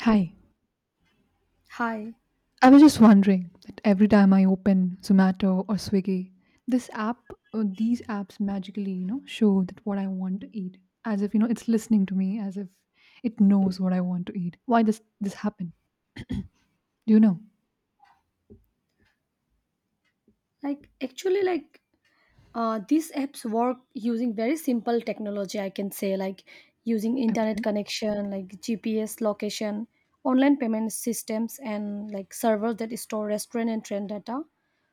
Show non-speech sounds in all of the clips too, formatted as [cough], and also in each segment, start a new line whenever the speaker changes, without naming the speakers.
Hi,
Hi.
I was just wondering that every time I open Zomato or Swiggy, this app, these apps magically, show that what I want to eat, as if you know it's listening to me, as if it knows what I want to eat. Why does this happen? Do you know?
Like actually, these apps work using very simple technology, I can say, like using internet
Okay,
connection, like GPS location, online payment systems, and like servers that store restaurant and trend data.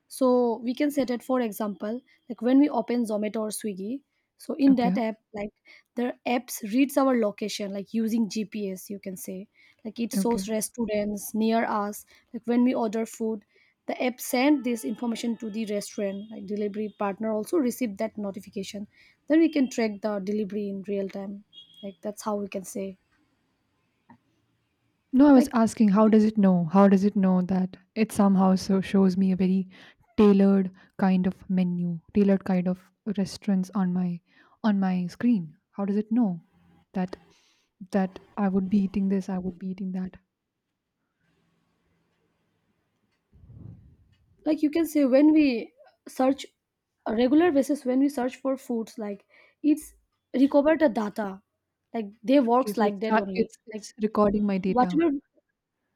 So we can say that, for example, like when we open zomato or swiggy, so in
okay,
that app, like the apps reads our location, like using gps you can say, like it
okay.
shows restaurants near us. Like when we order food, the app sent this information to the restaurant, like delivery partner also received that notification, then we can track the delivery in real time. Like that's how we can say.
No, I was
like
asking, how does it know? How does it know that it somehow so shows me a very tailored kind of menu, tailored kind of restaurants on my screen? How does it know that That I would be eating this, I would be eating that.
like you can say when we search a regular basis, when we search for foods, like it's recovered the data, like they
Okay,
works
so
like
it's
that
tra
only. like
it's recording my data.
whatever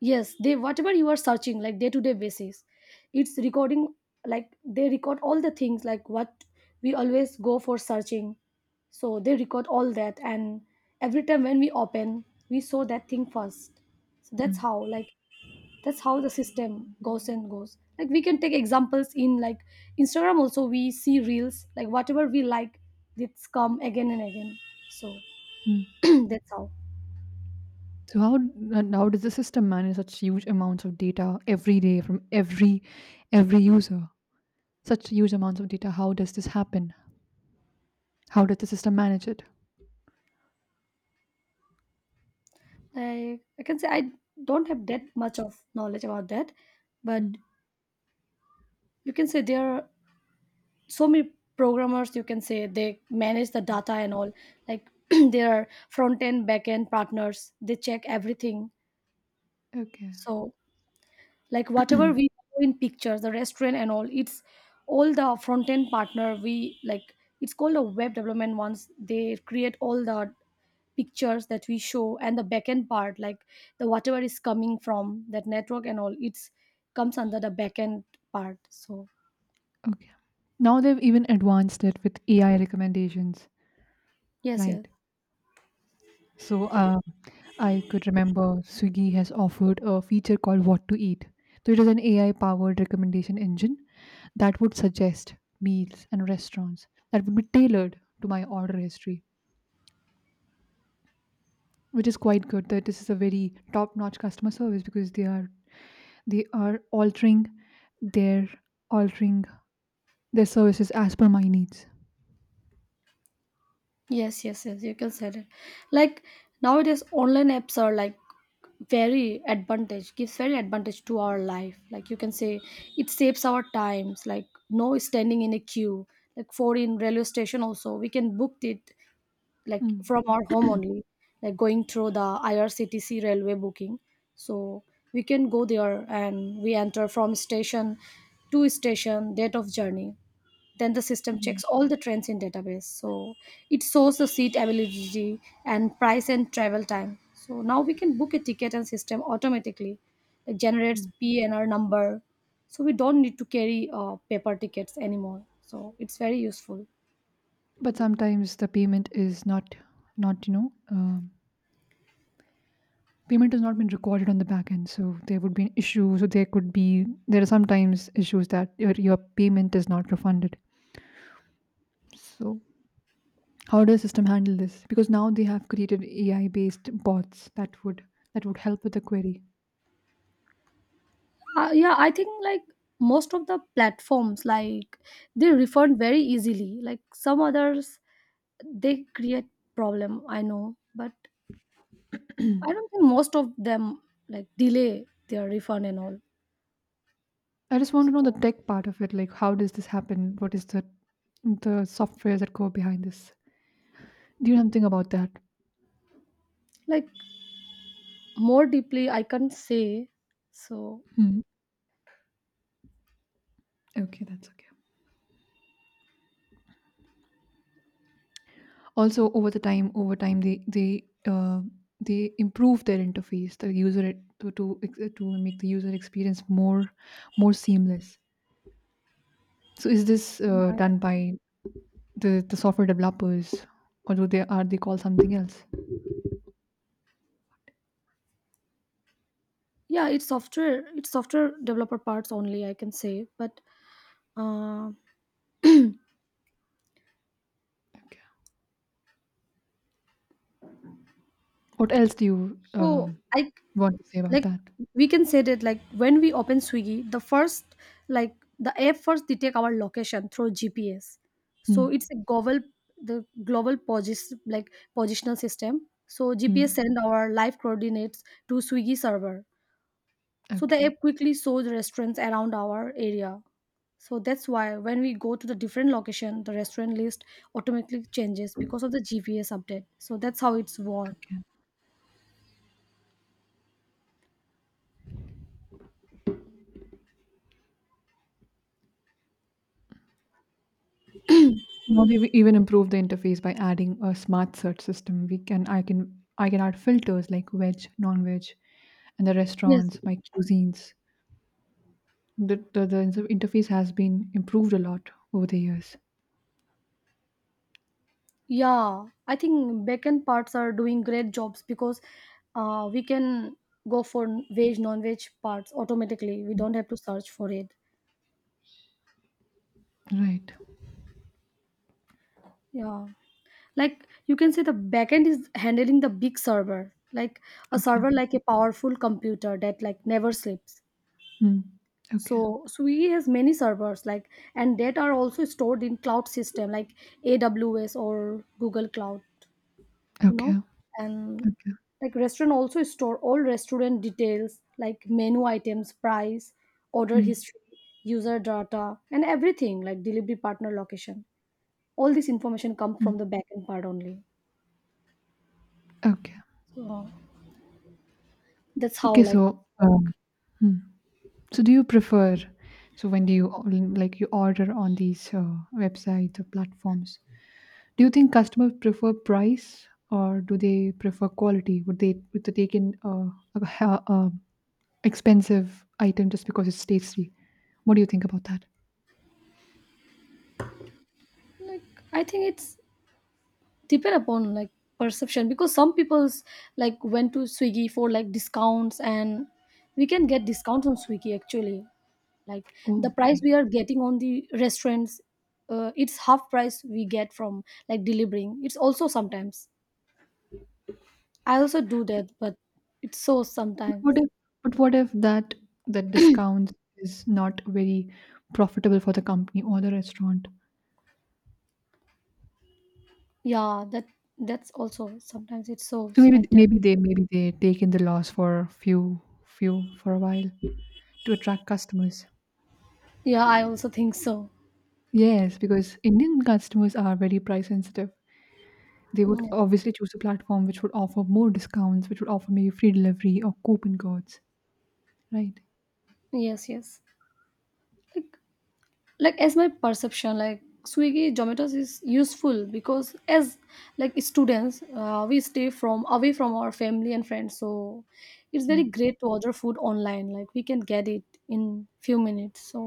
yes they whatever you are searching like day to day basis, it's recording. Like they record all the things, like what we always go for searching, so they record all that. And every time when we open, we saw that thing first. So that's
Mm,
how, like that's how the system goes and goes. Like we can take examples in like instagram also, we see reels, like whatever we like, it's come again and again. So
mm.
[clears throat] that's how.
So how and how does the system manage such huge amounts of data every day from every user? Such huge amounts of data, how does this happen? How does the system manage it?
Like I can say I don't have that much of knowledge about that, but
Mm,
you can say there are so many programmers, you can say they manage the data and all. Like [clears throat] there are front end, back end partners, they check everything.
okay.
So like whatever we
[clears throat]
do in pictures, the restaurant and all, it's all the front end partner. We like, it's called a web development, once they create all the pictures that we show. And the back end part, like the whatever is coming from that network and all, it's comes under the back end part. So
Okay. Now they've even advanced it with AI recommendations,
yes, yes.
right? So I could remember Swiggy has offered a feature called What to Eat. So it is an AI powered recommendation engine that would suggest meals and restaurants that would be tailored to my order history, which is quite good. That this is a very top notch customer service because they are their altering their services as per my needs.
Yes, yes, yes. You can say it. Like nowadays, online apps are like very advantage, gives very advantage to our life. Like you can say it saves our times, like no standing in a queue, like for in railway station also we can book it, like
Hmm.
from our home only, like going through the irctc railway booking. So we can go there and we enter from station to station, date of journey, then the system
Right.
checks all the trends in database. So it shows the seat availability and price and travel time, so now we can book a ticket, and system automatically it generates
Hmm.
pnr number. So we don't need to carry paper tickets anymore, so it's very useful.
But sometimes the payment is not not payment has not been recorded on the back end, so there would be an issue. So there could be there are sometimes issues that your payment is not refunded. So how does system handle this? Because now they have created AI based bots that would help with the query.
Yeah, I think like most of the platforms, like they refund very easily, like some others they create problem, I know. But I don't think most of them like delay their refund and all.
I just want to know the
So,
tech part of it. Like how does this happen? What is the software that go behind this? Do you know something about that?
like more deeply, I can't say. So,
Hmm. Okay, that's okay. Also, over the time, over time, they they improve their interface, the user to to to make the user experience more more seamless. So, is this done
yeah,
by the software developers, or do they are they called something else?
yeah, it's software developer parts only, I can say. But uh,
Okay. What else do you
so I,
want to say about
like
that?
we can say that, like when we open Swiggy, the first, like the app first detect our location through GPS. So it's
Hmm.
a global, the global posis like positional system. So GPS
Hmm.
send our live coordinates to Swiggy server. So the
Okay.
app quickly shows restaurants around our area. So that's why when we go to the different location, the restaurant list automatically changes because of the GPS update. So that's how it's work.
Okay. Now they've even improved the interface by adding a smart search system. We can I can I can add filters like veg, non-veg, and the
Yes.
restaurants, my cuisines. The inter interface has been improved a lot over the years.
Yeah, I think backend parts are doing great jobs, because we can go for veg, non-veg parts automatically. We don't have to search for it.
Right.
Yeah. Like you can say the backend is handling the big
Okay.
server like a powerful computer that like never sleeps.
Mm. Okay.
So Swiggy has many servers, like, and that are also stored in cloud system, like AWS or Google Cloud, you know.
Okay.
And
Okay.
like restaurant also store all restaurant details, like menu items, price, order
Mm.
history, user data, and everything like delivery partner location. All this information come
Mm.
from the backend part only.
Okay.
So that's how
Okay.
like it
So,
work.
so do you prefer? So when do you or- like you order on these websites or platforms? Do you think customers prefer price or do they prefer quality? Would they take in a, ha- expensive item just because it's tasty? What do you think about that?
Like I think it's depend upon like perception, because some people's like went to Swiggy for like discounts, and we can get discounts on Swiggy actually. Like the
Oh,
price
right.
we are getting on the restaurants, it's half price we get from like delivering. It's also sometimes, I also do that, but it's so
What
sometimes.
if, but what if that that discount is not very profitable for the company or the restaurant?
Yeah, that's also sometimes it's so
So maybe
like that.
maybe they take in the loss for a few few for a while to attract customers.
Yeah, I also think so.
Yes, because Indian customers are very price sensitive. They would
Yeah.
obviously choose a platform which would offer more discounts, which would offer maybe free delivery or coupon codes. Right.
Yes, yes. Like like as my perception, like swiggy zomatos is useful, because as like students we stay from away from our family and friends, so it's very
Mm.
great to order food online, like we can get it in few minutes, so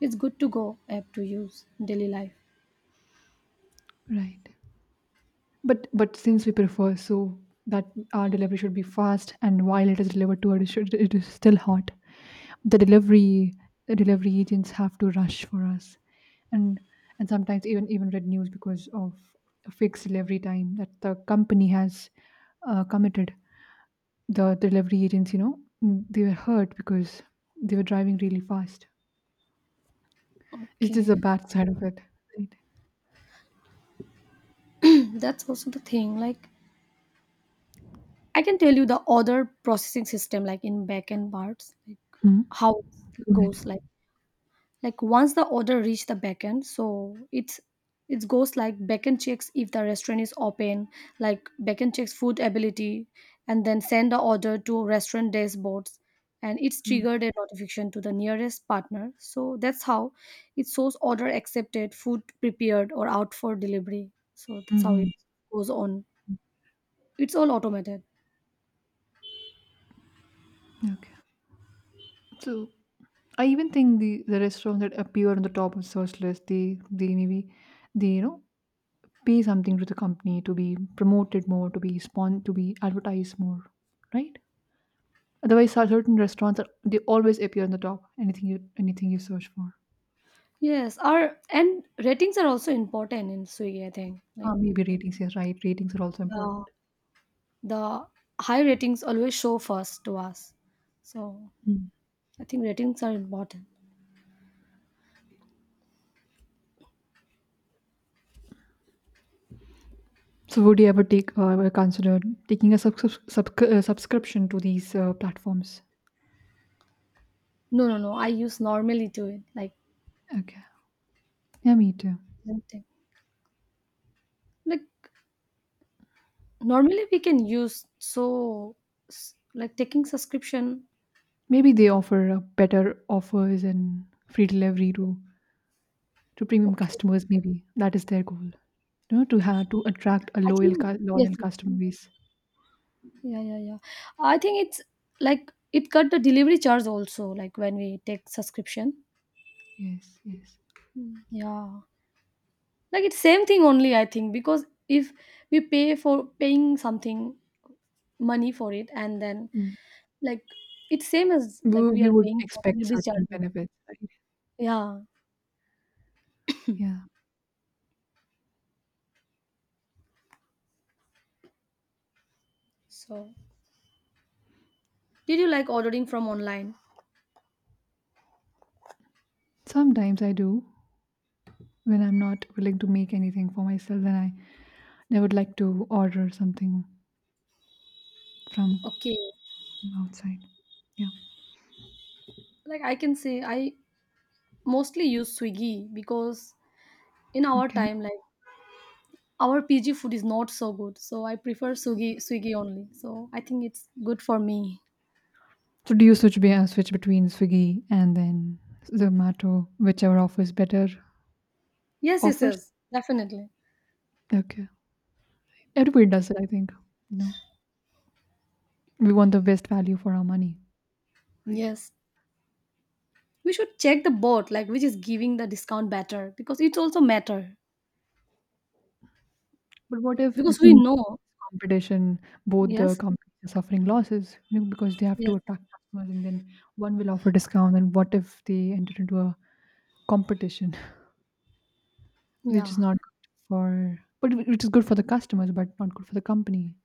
it's good to go app to use in daily life.
Right. But since we prefer so that our delivery should be fast, and while it is delivered to us, it should- it is still hot. The delivery the delivery agents have to rush for us, and and sometimes even even read news because of a fixed delivery time that the company has committed. The delivery agents, mm, they were hurt because they were driving really fast. Is this a
Okay.
bad side of it? Right.
[clears throat] That's also the thing. Like I can tell you the order processing system, like in back end parts, like
Hmm?
how it
Go ahead.
goes. Like once the order reach the backend, so it's, it goes like, backend checks if the restaurant is open, like backend checks food ability, and then send the order to restaurant dashboards, and it's triggered a notification to the nearest partner. So that's how it shows order accepted, food prepared, or out for delivery. So that's how
Mm-hmm.
it goes on, it's all automated.
Okay. So I even think the restaurants that appear on the top of search list, they maybe they pay something to the company to be promoted more, to be spawn, to be advertised more, right? Otherwise, cer- certain restaurants are, they always appear on the top. Anything you search for,
Yes, our and ratings are also important in swiggy, I think.
ah,
Like
maybe ratings. Yes, right. Ratings are also
yeah,
important.
the high ratings always show first to us. So
Mm.
I think ratings are important.
So, would you ever take ever consider taking a sub- sub- sub- subscription to these platforms?
No, no, no. I use normally to it, like
Okay, yeah, me too.
something like normally we can use. So s- like taking subscription.
Maybe they offer better offers and free delivery to premium
Okay,
customers, maybe that is their goal, to have to attract a
I
loyal
think
cu-
yes,
loyal
yes.
customer base.
Yeah, yeah, yeah. I think it's like it cut the delivery charge also. Like when we take subscription.
Yes, yes.
Mm, yeah, like it's same thing only. I think because if we pay for paying something money for it and then,
Mm.
like it's same as like
we,
we
we
are
would
paying for
expect
delivery
certain
charges.
benefits, right?
Yeah.
Yeah,
So did you like ordering from online?
sometimes I do. When I'm not willing to make anything for myself, then I then I would like to order something from
Okay.
outside. Yeah,
Like I can say I mostly use Swiggy because in our
okay.
time like our PG food is not so good. So I prefer Swiggy only. So I think it's good for me.
So do you switch be- switch between Swiggy and then Zomato, whichever offers better
Yes, yes,
offers?
yes. Definitely.
Okay, everybody does it, I think. No, we want the best value for our money, right?
Yes. We should check the board like which is giving the discount better, because it also matter.
But what if in
Because we
the
know.
competition, both the
Yes.
companies are suffering losses, you know, because they have to
Yes.
attract customers, and then one will offer discount, and what if they enter into a competition [laughs] which is
Yeah.
not good for but whi- which is good for the customers but not good for the company,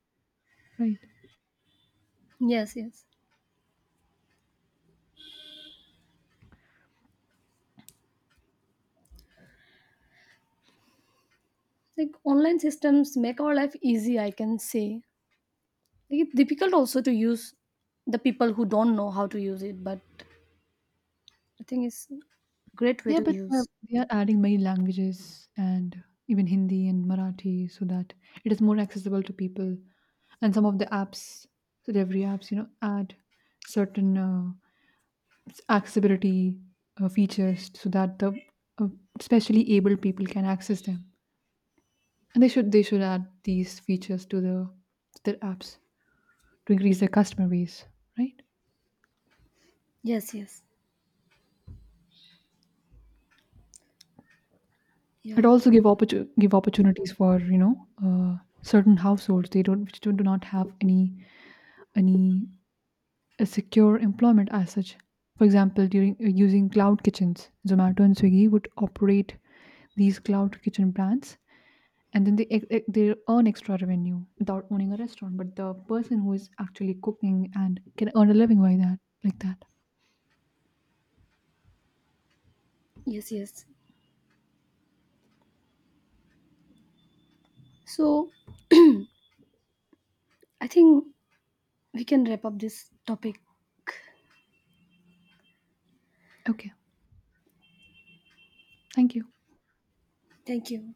right?
Yes, yes. Like online systems make our life easy, I can say. Like, it's difficult also to use, the people who don't know how to use it, but I think it's great way
Yeah,
to
but
use.
they are adding many languages and even Hindi and Marathi so that it is more accessible to people, and some of the apps, so every apps add certain accessibility features so that the uh, especially able people can access them, and they should add these features to the to their apps to increase their customer base, right?
Yes, yes.
It
Yeah.
also give opportu- give opportunities for certain households they don't which do do not have any a secure employment as such. For example, during using cloud kitchens, Zomato and Swiggy would operate these cloud kitchen brands, and then they ex- ex- they earn extra revenue without owning a restaurant, but the person who is actually cooking and can earn a living by that, like that.
Yes, yes. So I think we can wrap up this topic.
Okay, thank you.
Thank you.